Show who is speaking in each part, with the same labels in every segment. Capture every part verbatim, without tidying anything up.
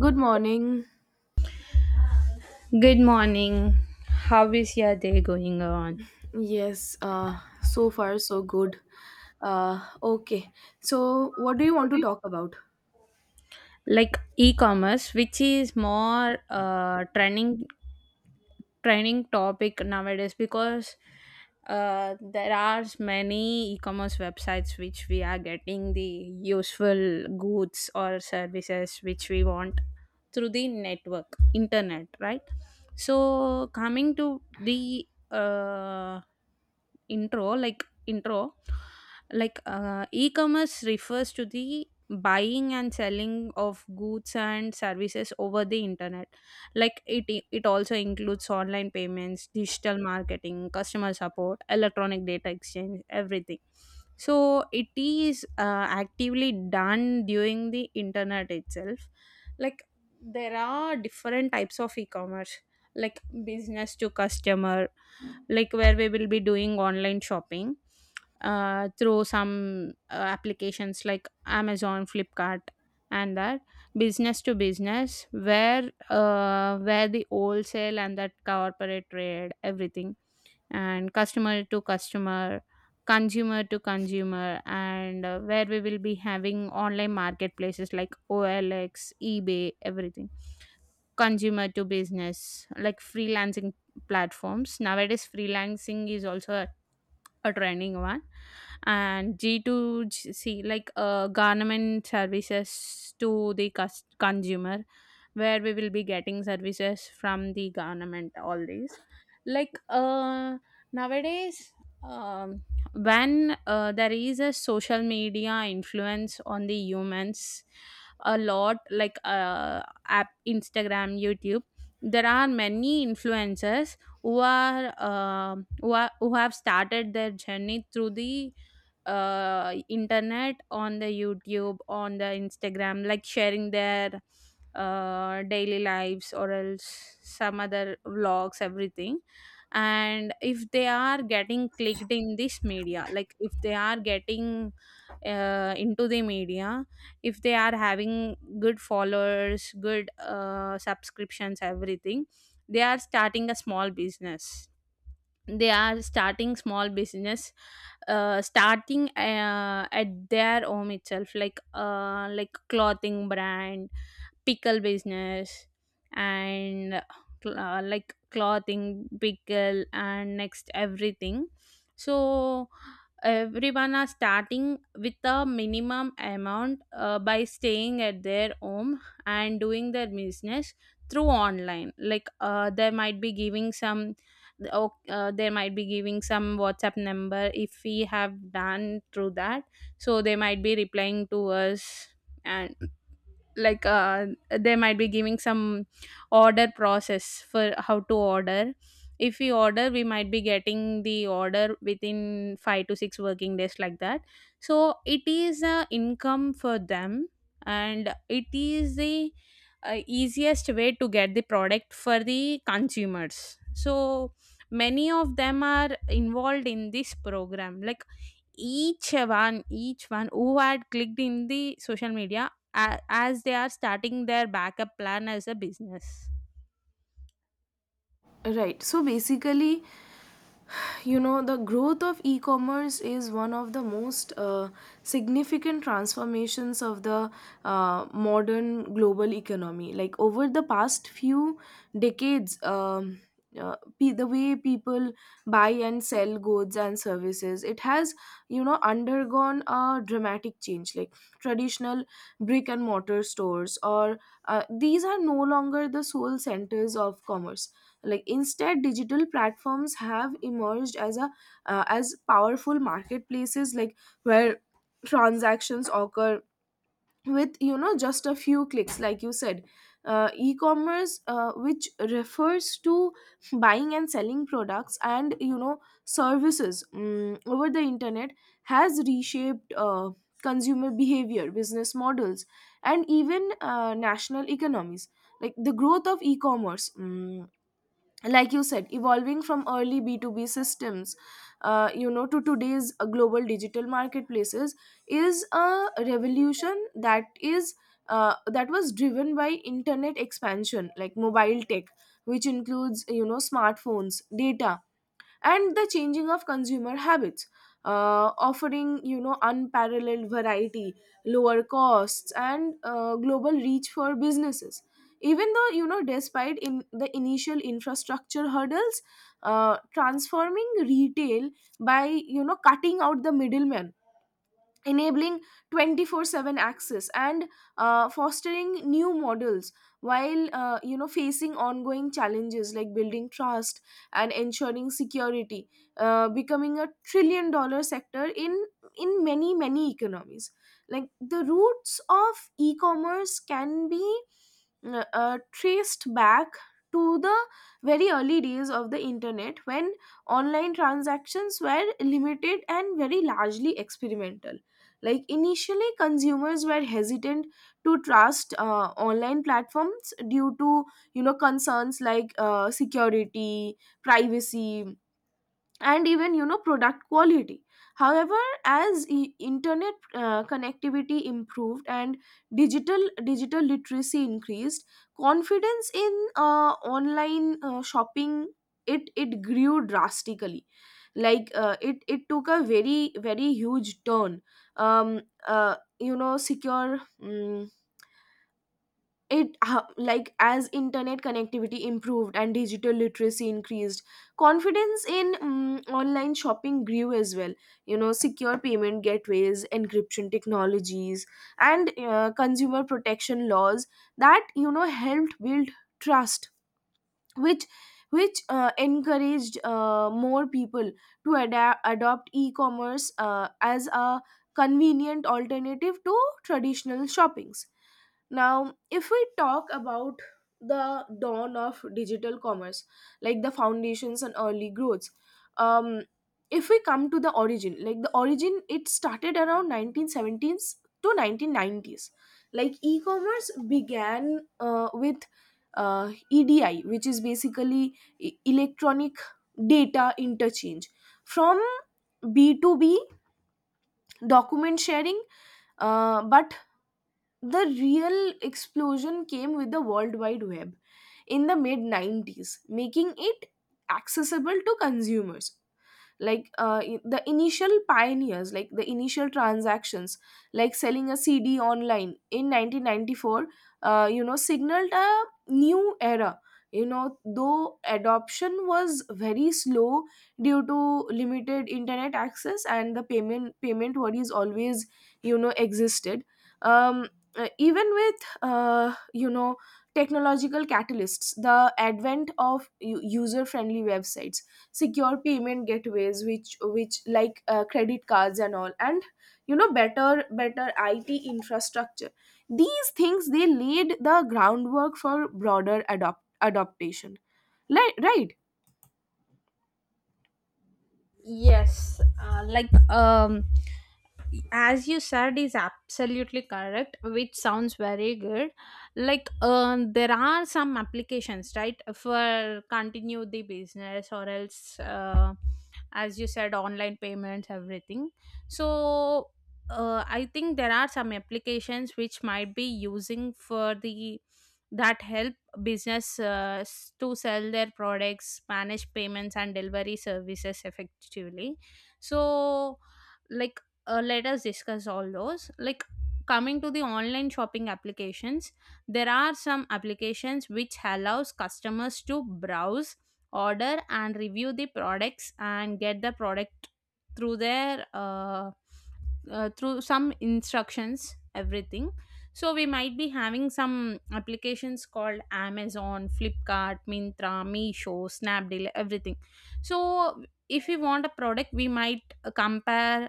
Speaker 1: Good morning.
Speaker 2: Good morning. How is your day going on?
Speaker 1: Yes, uh, so far so good. Uh, okay, so what do you want to talk about?
Speaker 2: Like e-commerce, which is more uh trending trending topic nowadays because uh there are many e-commerce websites which we are getting the useful goods or services which we want through the network, internet, right? So coming to the uh, intro, like intro like uh, e-commerce refers to the buying and selling of goods and services over the internet. Like it it also includes online payments, digital marketing, customer support, electronic data exchange, everything. So it is uh, actively done during the internet itself. Like there are different types of e-commerce, like business to customer, like where we will be doing online shopping uh, through some uh, applications like amazon flipkart and that, business to business where uh, where the wholesale and that corporate trade everything, and customer to customer, consumer to consumer, and uh, where we will be having online marketplaces like O L X, eBay, everything. Consumer to business, like freelancing platforms. Nowadays, freelancing is also a training one, and g two c, like uh, government services to the cus- consumer, where we will be getting services from the government, all these. Like uh, nowadays um, when uh, there is a social media influence on the humans a lot, like uh, app instagram, youtube, there are many influencers who are um who are who have started their journey through the uh, internet, on the youtube, on the instagram, like sharing their uh, daily lives or else some other vlogs, everything. And if they are getting clicked in this media, like if they are getting uh, into the media, if they are having good followers, good uh, subscriptions, everything, they are starting a small business, they are starting small business, uh, starting uh, at their home itself, like uh, like clothing brand, pickle business, and cl- uh, like clothing, pickle and next, everything. So everyone are starting with a minimum amount uh, by staying at their home and doing their business through online. Like uh, they might be giving some oh, uh, they might be giving some whatsapp number. If we have done through that, so they might be replying to us. And like uh, they might be giving some order process, for how to order. If we order, we might be getting the order within five to six working days, like that. So it is a income for them, and it is the uh, easiest way to get the product for the consumers. So many of them are involved in this program. Like each one each one who had clicked in the social media, a- as they are starting their backup plan as a business.
Speaker 1: Right, so basically, you know the growth of e-commerce is one of the most uh, significant transformations of the uh, modern global economy, like over the past few decades. Um, uh, pe- the way people buy and sell goods and services, it has, you know, undergone a dramatic change. Like traditional brick and mortar stores, or uh, these are no longer the sole centers of commerce. Like, instead, digital platforms have emerged as a uh, as powerful marketplaces, like where transactions occur with, you know, just a few clicks. Like you said, uh, e-commerce, uh, which refers to buying and selling products and, you know, services mm over the internet, has reshaped uh, consumer behavior, business models, and even uh, national economies. Like the growth of e-commerce, mm, like you said, evolving from early b two b systems, uh, you know, to today's uh, global digital marketplaces, is a revolution that is uh, that was driven by internet expansion, like mobile tech, which includes, you know, smartphones, data, and the changing of consumer habits, uh, offering, you know, unparalleled variety, lower costs, and uh, global reach for businesses, even though, you know, despite in the initial infrastructure hurdles, uh, transforming retail by, you know, cutting out the middleman, enabling twenty four seven access, and uh, fostering new models, while uh, you know, facing ongoing challenges like building trust and ensuring security, uh, becoming a trillion dollar sector in in many many economies. Like the roots of e-commerce can be uh, uh, traced back to the very early days of the internet, when online transactions were limited and very largely experimental. Like initially, consumers were hesitant to trust uh, online platforms due to, you know, concerns like uh, security, privacy, and even, you know, product quality. However, as i- internet uh, connectivity improved and digital digital literacy increased, confidence in uh, online uh, shopping, it it grew drastically. Like uh, it it took a very very huge turn. um uh, you know, secure mm it ho- like as internet connectivity improved and digital literacy increased, confidence in mm online shopping grew as well. You know, secure payment gateways, encryption technologies, and uh, consumer protection laws, that, you know, helped build trust, which which uh, encouraged uh, more people to adapt adopt e-commerce uh, as a convenient alternative to traditional shoppings. Now if we talk about the dawn of digital commerce, like the foundations and early growths, um, if we come to the origin, like the origin, it started around nineteen seventies to nineteen nineties. Like e-commerce began uh, with uh, E D I, which is basically e- electronic data interchange. From b to b document sharing, uh, but the real explosion came with the World Wide Web in the mid nineties, making it accessible to consumers. Like uh, i- the initial pioneers, like the initial transactions like selling a cd online in nineteen ninety-four, uh, you know, signaled a new era. You know, though adoption was very slow due to limited internet access, and the payment payment worries always, you know, existed. um, uh, Even with uh, you know, technological catalysts, the advent of user friendly websites, secure payment gateways, which which like uh, credit cards and all, and, you know, better better I T infrastructure, these things, they laid the groundwork for broader adopt adaptation. Like right.
Speaker 2: Yes, uh, like um, as you said is absolutely correct, which sounds very good. Like uh, there are some applications, right, for continue the business, or else uh, as you said, online payments everything. So uh, I think there are some applications which might be using for the, that help business uh, s- to sell their products, manage payments and delivery services effectively. So like uh, let us discuss all those. Like coming to the online shopping applications, there are some applications which allows customers to browse, order and review the products, and get the product through their uh, uh, through some instructions, everything. So we might be having some applications called amazon, flipkart, mintra, meesho, snapdeal, everything. So if we want a product, we might uh, compare,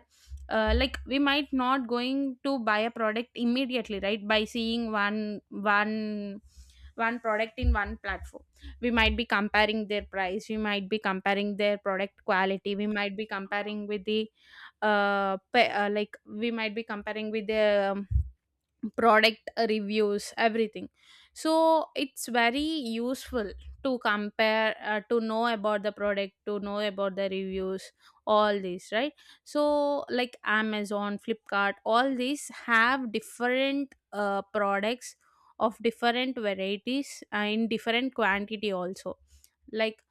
Speaker 2: uh, like we might not going to buy a product immediately, right, by seeing one one one product in one platform. We might be comparing their price, we might be comparing their product quality, we might be comparing with the uh, pa- uh like we might be comparing with the um, product reviews, everything. So it's very useful to compare, uh, to know about the product, to know about the reviews, all these, right? So like amazon, flipkart, all these have different uh, products of different varieties, uh, in different quantity also. Like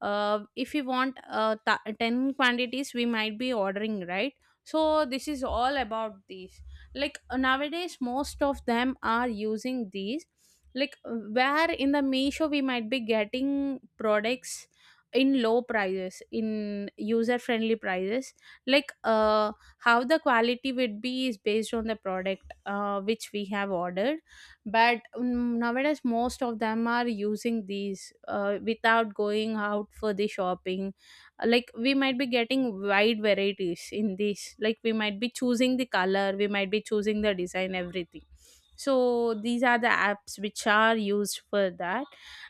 Speaker 2: uh, if we want uh, th- ten quantities, we might be ordering, right? So this is all about these. Like uh, nowadays most of them are using these. Like uh, where in the Meesho, we might be getting products in low prices, in user friendly prices. Like uh, how the quality would be is based on the product uh, which we have ordered. But mm, nowadays most of them are using these uh, without going out for the shopping. Like we might be getting wide varieties in these, like we might be choosing the color, we might be choosing the design, everything. So these are the apps which are used for that.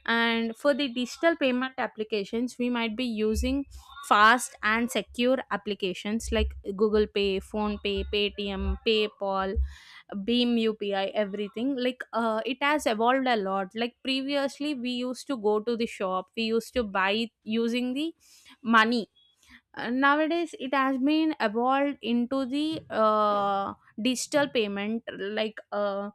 Speaker 2: And for the digital payment applications, we might be using fast and secure applications like google pay, phone pay, paytm, paypal, beam upi, everything. Like uh, it has evolved a lot. Like previously we used to go to the shop, we used to buy using the money. Uh, nowadays it has been evolved into the uh, digital payment. Like uh,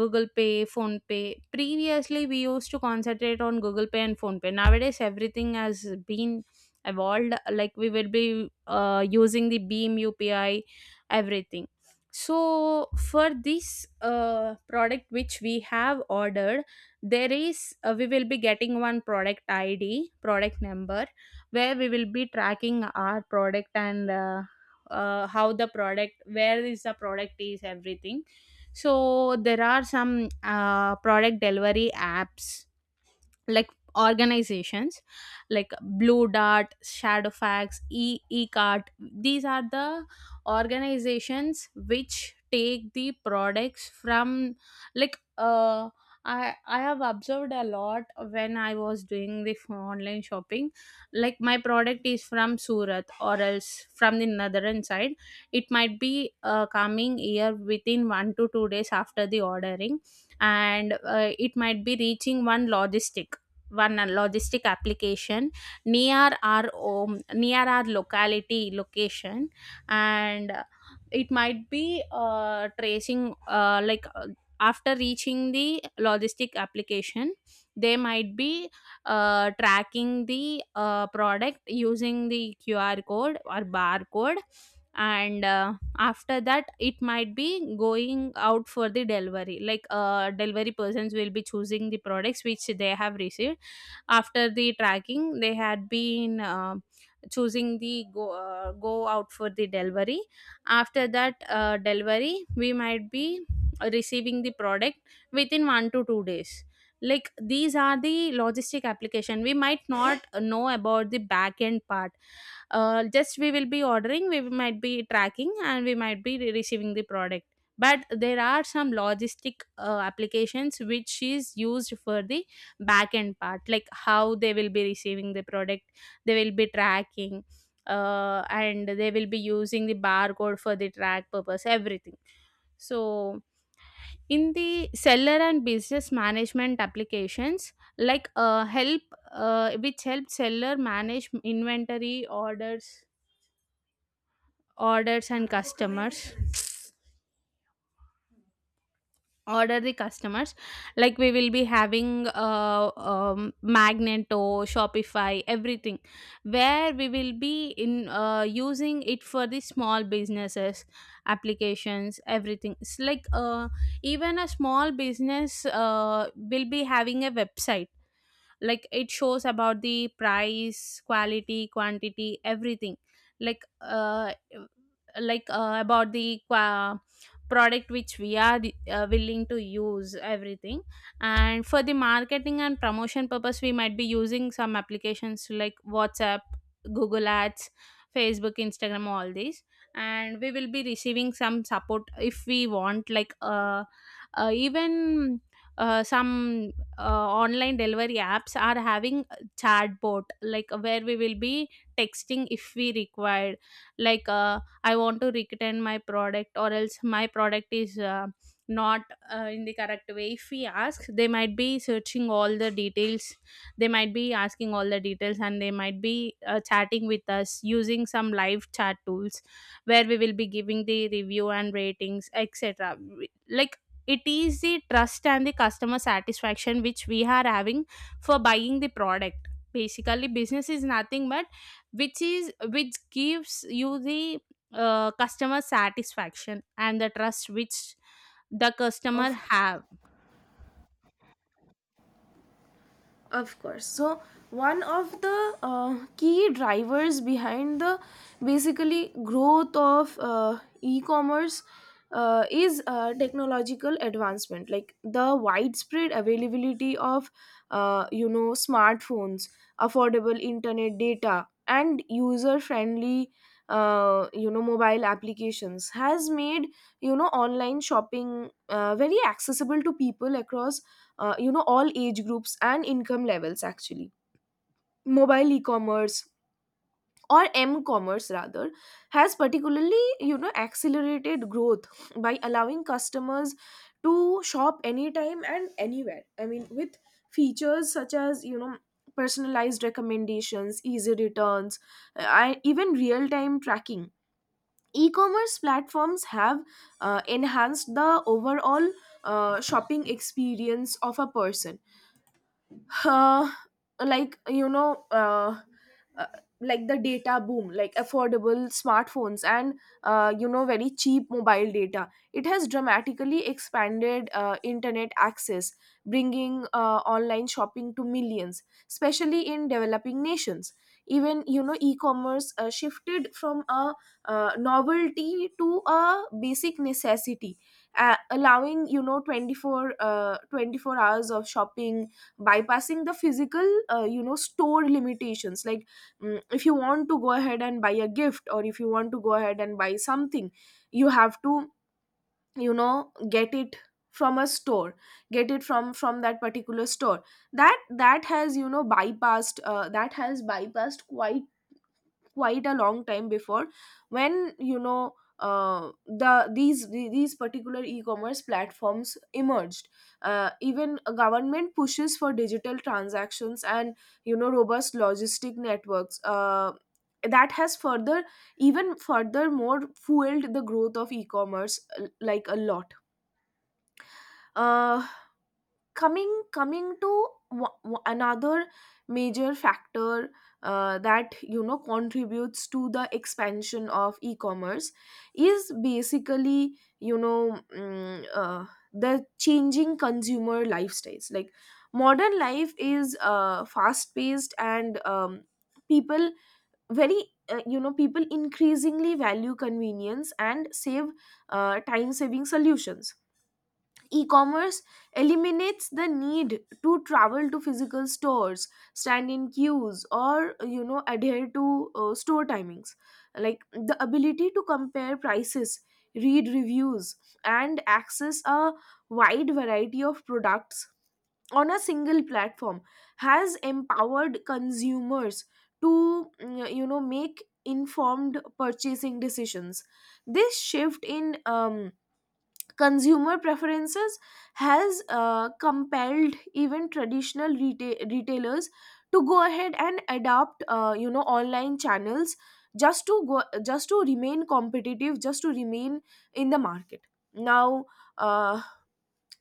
Speaker 2: google pay, phone pay, previously we used to concentrate on google pay and phone pay. Nowadays everything has been evolved, like we will be uh, using the beam upi, everything. So for this uh, product which we have ordered, there is uh, we will be getting one product id, product number, where we will be tracking our product, and uh, uh, how the product, where is the product is, everything. So there are some uh, product delivery apps, like organizations like blue dart, shadowfax, e ecart. These are the organizations which take the products from, like uh i i have observed a lot when I was doing the f- online shopping. Like my product is from surat or else from the netherlands side, it might be uh, coming here within one to two days after the ordering. And uh, it might be reaching one logistic, one uh, logistic application near our home, near our locality location. And uh, it might be uh, tracing uh, like uh, after reaching the logistic application, they might be uh, tracking the uh, product using the qr code or barcode. And uh, after that it might be going out for the delivery. Like uh, delivery persons will be choosing the products which they have received. After the tracking, they had been uh, choosing the go, uh, go out for the delivery. After that uh, delivery, we might be receiving the product within one to two days. Like these are the logistic application, we might not know about the back end part. Uh, just we will be ordering, we might be tracking and we might be re- receiving the product. But there are some logistic uh, applications which is used for the back end part, like how they will be receiving the product, they will be tracking, uh, and they will be using the barcode for the track purpose, everything. So in the seller and business management applications, like uh, help uh, which help seller manage inventory, orders orders and customers, order the customers like we will be having uh, um, magneto, shopify, everything, where we will be in uh, using it for the small businesses applications, everything. It's like uh, even a small business uh, will be having a website, like it shows about the price, quality, quantity, everything. Like uh like uh, about the qua product which we are uh, willing to use, everything. And for the marketing and promotion purpose, we might be using some applications like whatsapp, google ads, facebook, instagram, all these. And we will be receiving some support if we want, like uh, uh even uh, some uh, online delivery apps are having chatbot, like uh, where we will be texting if we required, like uh, I want to return my product, or else my product is uh, not uh, in the correct way. If we ask, they might be searching all the details, they might be asking all the details, and they might be uh, chatting with us using some live chat tools, where we will be giving the review and ratings, etc. Like it is the trust and the customer satisfaction which we are having for buying the product. Basically business is nothing but which is which gives you the uh, customer satisfaction and the trust which the customer have.
Speaker 1: Of course, so one of the uh, key drivers behind the basically growth of uh, e-commerce uh, is uh, technological advancement, like the widespread availability of uh, you know, smartphones, affordable internet data, and user friendly, uh, you know, mobile applications, has made, you know, online shopping uh, very accessible to people across, uh, you know, all age groups and income levels. Actually, mobile e-commerce, or m-commerce rather, has particularly, you know, accelerated growth by allowing customers to shop anytime and anywhere. I mean, with features such as, you know, personalized recommendations, easy returns, uh, and even real-time tracking, e-commerce platforms have uh, enhanced the overall uh, shopping experience of a person. uh, like you know uh, uh, like the data boom, like affordable smartphones and, uh, you know, very cheap mobile data, it has dramatically expanded uh, internet access, bringing uh, online shopping to millions, especially in developing nations. Even, you know, e-commerce uh, shifted from a uh, novelty to a basic necessity, uh, allowing, you know, twenty-four uh, twenty-four hours of shopping, bypassing the physical, uh, you know, store limitations. Like, mm, if you want to go ahead and buy a gift, or if you want to go ahead and buy something, you have to, you know, get it from a store, get it from from that particular store. That that has, you know, bypassed uh, that has bypassed quite quite a long time before, when, you know, uh, the these these particular e-commerce platforms emerged. Uh, even a government pushes for digital transactions and, you know, robust logistic networks, uh, that has further, even furthermore, fueled the growth of e-commerce, uh, like, a lot. Uh, coming coming to wa- wa- another major factor uh, that, you know, contributes to the expansion of e-commerce is basically, you know, mm, uh, the changing consumer lifestyles. Like modern life is uh, fast paced, and, um, people very uh, you know people increasingly value convenience and save uh, time saving solutions. E-commerce eliminates the need to travel to physical stores, stand in queues, or, you know, adhere to uh, store timings. Like the ability to compare prices, read reviews, and access a wide variety of products on a single platform, has empowered consumers to, mm, you know, make informed purchasing decisions. This shift in um, consumer preferences has uh, compelled even traditional reta- retailers to go ahead and adopt, uh, you know, online channels, just to go, just to remain competitive, just to remain in the market. Now uh,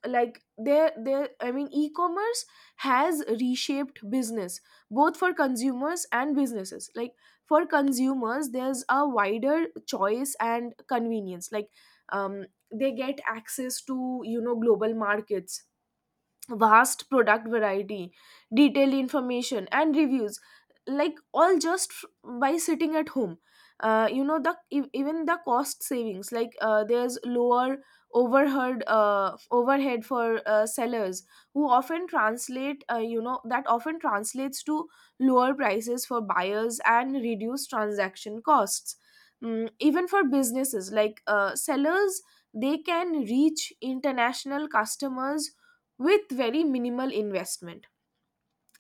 Speaker 1: like there there I mean, e-commerce has reshaped business both for consumers and businesses. Like for consumers, there's a wider choice and convenience. Like, um, they get access to, you know, global markets, vast product variety, detailed information, and reviews, like, all just f- by sitting at home. Uh, you know, the e- even the cost savings, like uh, there's lower overhead uh, overhead for uh, sellers, who often translate uh, you know, that often translates to lower prices for buyers and reduced transaction costs. Mm, even for businesses, like uh, sellers, they can reach international customers with very minimal investment.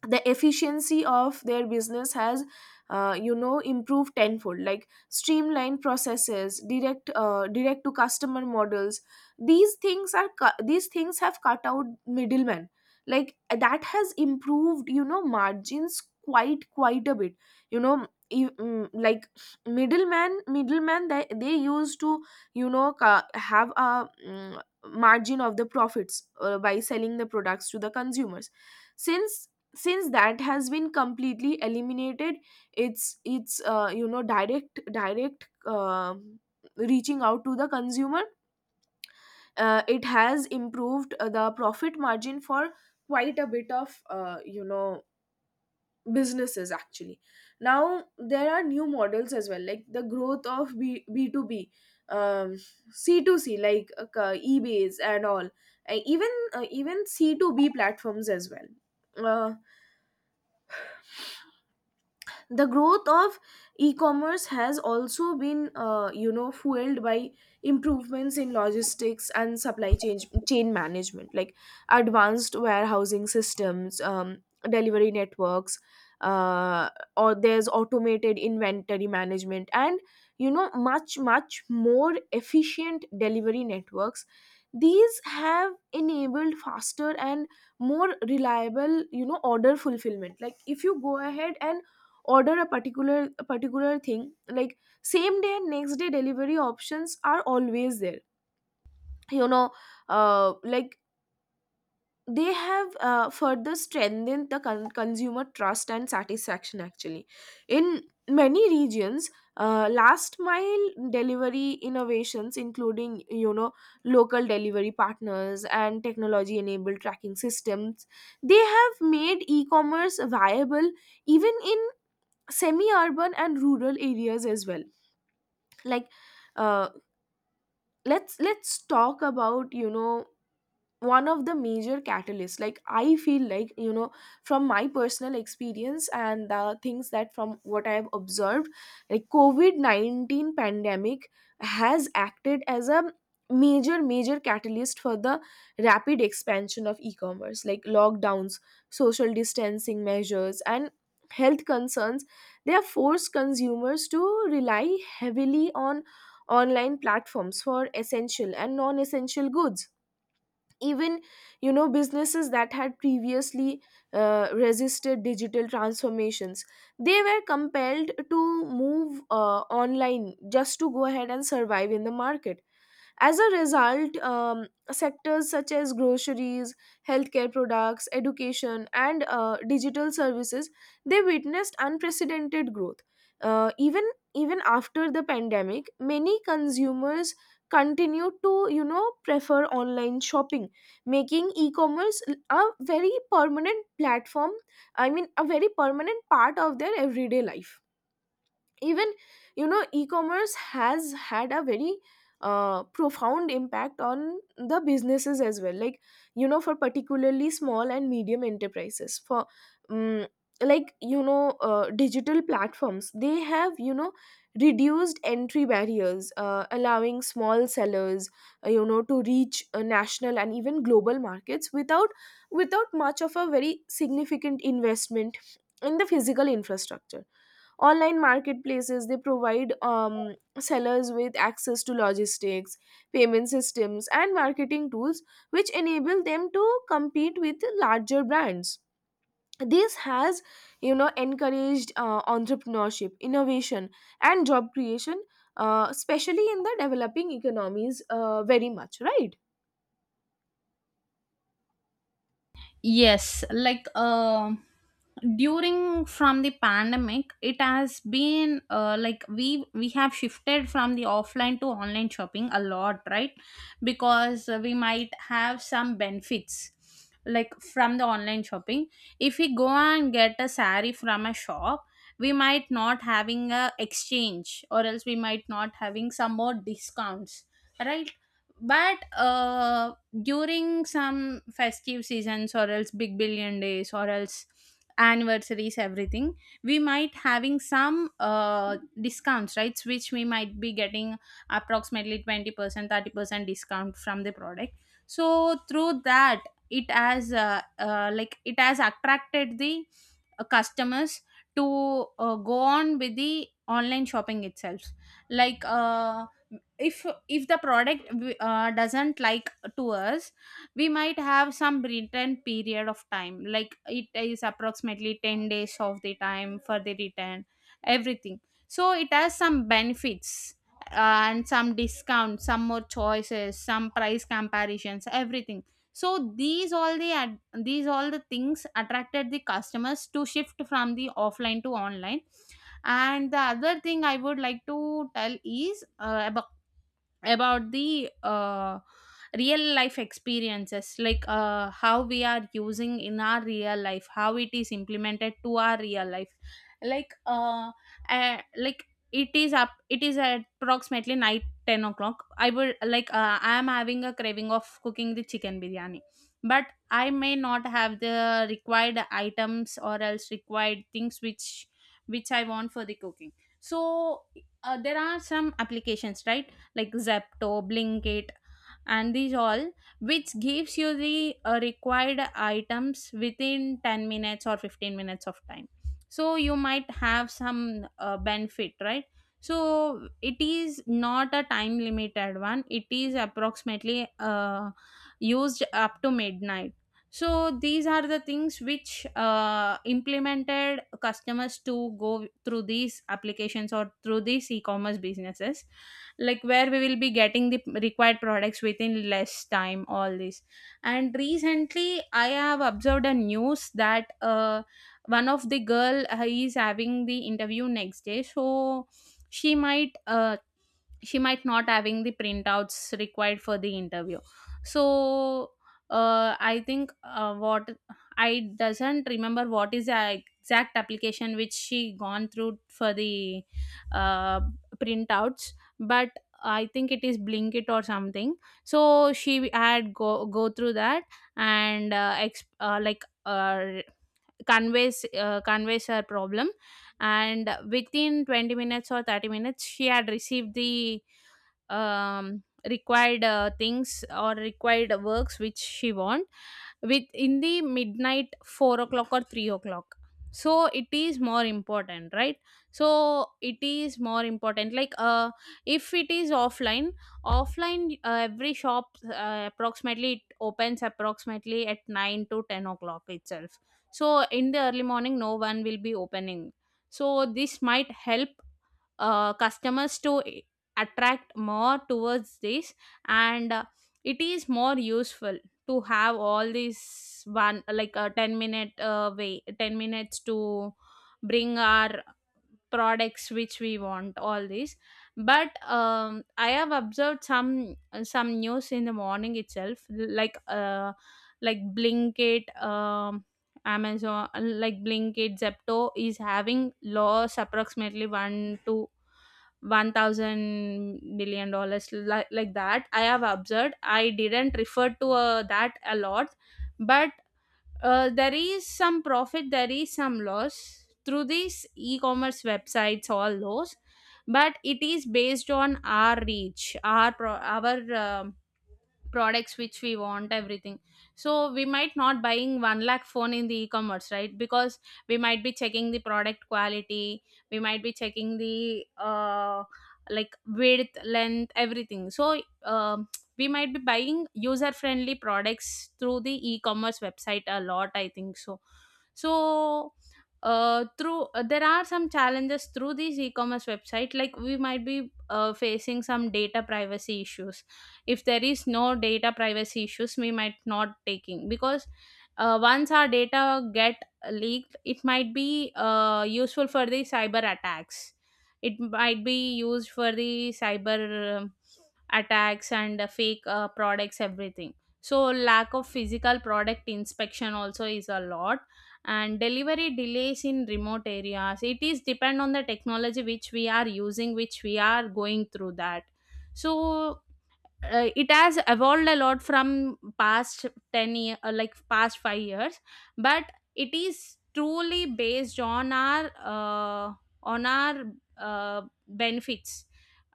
Speaker 1: The efficiency of their business has uh, you know, improved tenfold, like streamlined processes, direct uh, direct to customer models. These things are cu- these things have cut out middlemen, like that has improved, you know, margins quite quite a bit. You know, if, mm, like, middleman middleman they, they used to, you know, ca- have a mm, margin of the profits uh, by selling the products to the consumers. Since since that has been completely eliminated, it's it's uh, you know, direct direct um reaching out to the consumer, uh, it has improved uh, the profit margin for quite a bit of, uh, you know, businesses actually. Now there are new models as well, like the growth of B- b2b, um, c two c, like uh, ebays and all, uh, even uh, even c two b platforms as well. Uh, the growth of e-commerce has also been uh, you know, fueled by improvements in logistics and supply chain chain management. Like advanced warehousing systems, um, delivery networks, uh, or there's automated inventory management, and, you know, much much more efficient delivery networks. These have enabled faster and more reliable, you know, order fulfillment. Like if you go ahead and order a particular a particular thing, like same day and next day delivery options are always there, you know. uh, like they have uh, further strengthened the con- consumer trust and satisfaction, actually. In many regions, uh, last mile delivery innovations, including, you know, local delivery partners and technology enabled tracking systems, they have made e-commerce viable even in semi-urban and rural areas as well. Like uh, let's let's talk about, you know, one of the major catalysts. Like I feel like, you know, from my personal experience and the things that from what I've observed, like covid nineteen pandemic has acted as a major major catalyst for the rapid expansion of e-commerce. Like lockdowns, social distancing measures, and health concerns, they have forced consumers to rely heavily on online platforms for essential and non-essential goods. Even, you know, businesses that had previously uh, resisted digital transformations, they were compelled to move uh, online just to go ahead and survive in the market. As a result, um, sectors such as groceries, healthcare products, education, and uh, digital services, they witnessed unprecedented growth. Uh, even Even after the pandemic, many consumers continue to, you know, prefer online shopping, making e-commerce a very permanent platform. I mean, a very permanent part of their everyday life. Even, you know, e-commerce has had a very uh, profound impact on the businesses as well, like, you know, for particularly small and medium enterprises, for um, like you know uh, digital platforms, they have, you know, reduced entry barriers, uh, allowing small sellers, uh, you know, to reach uh, national and even global markets, without without much of a very significant investment in the physical infrastructure. Online marketplaces, they provide, um, sellers with access to logistics, payment systems, and marketing tools, which enable them to compete with larger brands. This has, you know, encouraged uh, entrepreneurship, innovation, and job creation, uh, especially in the developing economies, uh, very much, right
Speaker 2: Yes, like uh, during from the pandemic, it has been uh, like we we have shifted from the offline to online shopping a lot, right? Because we might have some benefits like from the online shopping. If we go and get a sari from a shop, we might not having a exchange, or else we might not having some more discounts, right? But uh, during some festive seasons or else big billion days or else anniversaries, everything, we might having some uh, discounts, right, which we might be getting approximately twenty percent thirty percent discount from the product. So through that, it has uh, uh, like it has attracted the uh, customers to uh, go on with the online shopping itself. like uh, if if the product uh, doesn't like to us, we might have some return period of time, like it is approximately ten days of the time for the return, everything. So it has some benefits, uh, and some discounts, some more choices, some price comparisons, everything. So these all the ad- these all the things attracted the customers to shift from the offline to online. And the other thing I would like to tell is uh, about about the uh, real life experiences, like uh, how we are using in our real life, how it is implemented to our real life. Like uh, uh like it is up it is at approximately night ten o'clock, I would like uh, I am having a craving of cooking the chicken biryani, but I may not have the required items or else required things which which I want for the cooking. So uh, there are some applications, right, like Zepto, Blinkit, and these all, which gives you the uh, required items within ten minutes or fifteen minutes of time. So you might have some uh, benefit, right? So it is not a time limited one, it is approximately uh, used up to midnight. So these are the things which uh, implemented customers to go through these applications or through these e-commerce businesses, like where we will be getting the required products within less time, all this. And recently I have observed a news that uh, one of the girl uh, is having the interview next day, so she might uh, she might not having the printouts required for the interview. So uh, I think, uh, what I doesn't remember what is the exact application which she gone through for the uh, printouts, but I think it is blinkit or something. So she had go go through that and uh, exp- uh, like uh, conveys uh, conveys her problem, and within twenty minutes or thirty minutes she had received the um, required uh, things or required works which she want with in the midnight four o'clock or three o'clock. So it is more important, right. So it is more important like uh, if it is offline, offline uh, every shop uh, approximately it opens approximately at nine to ten o'clock itself. So in the early morning no one will be opening, so this might help uh, customers to a- attract more towards this. And uh, it is more useful to have all these one, like a ten minute uh, way, ten minutes to bring our products which we want, all this. But um, I have observed some some news in the morning itself, like uh, like blinkit, um, amazon, like blinkit zepto is having loss approximately one to one thousand billion dollars li- like that I have observed. I didn't refer to uh, that a lot, but uh, there is some profit, there is some loss through these e-commerce websites, all those. But it is based on our reach, our pro- our um products which we want, everything. So we might not buying one lakh phone in the e-commerce, right, because we might be checking the product quality, we might be checking the uh like width, length, everything. So um we might be buying user friendly products through the e-commerce website a lot, I think so. So uh, through uh, there are some challenges through these e-commerce website, like we might be uh, facing some data privacy issues. If there is no data privacy issues we might not taking, because uh, once our data get leaked, it might be uh, useful for the cyber attacks. It might be used for the cyber um, attacks and uh, fake uh, products, everything. So lack of physical product inspection also is a lot, and delivery delays in remote areas, it is depend on the technology which we are using, which we are going through that. So uh, it has evolved a lot from past ten year, uh, like past five years, but it is truly based on our uh, on our uh, benefits,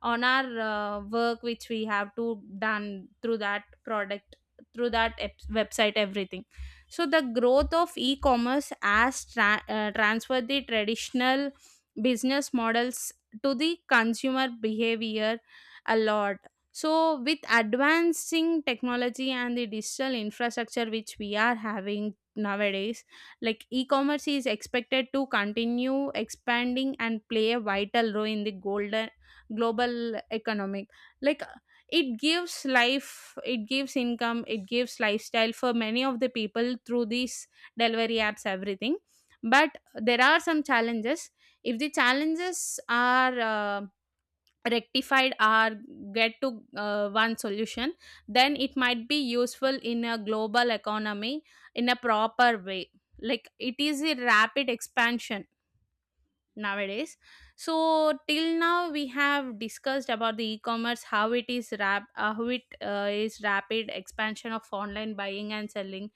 Speaker 2: on our uh, work which we have to done through that product, through that ep- website, everything. So the growth of e-commerce has tra- uh, transferred the traditional business models to the consumer behavior a lot. So, with advancing technology and the digital infrastructure which we are having nowadays, like e commerce is expected to continue expanding and play a vital role in the golden global economic. Like, it gives life, it gives income, it gives lifestyle for many of the people through these delivery apps, everything. But there are some challenges. If the challenges are uh, rectified or get to uh, one solution, then it might be useful in a global economy in a proper way, like it is a rapid expansion nowadays. So till now we have discussed about the e-commerce, how it is rap uh, how it uh, is rapid expansion of online buying and selling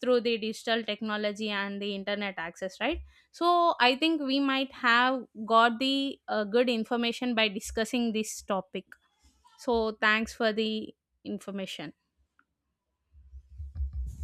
Speaker 2: through the digital technology and the internet access, right. So I think we might have got the uh, good information by discussing this topic. So thanks for the information.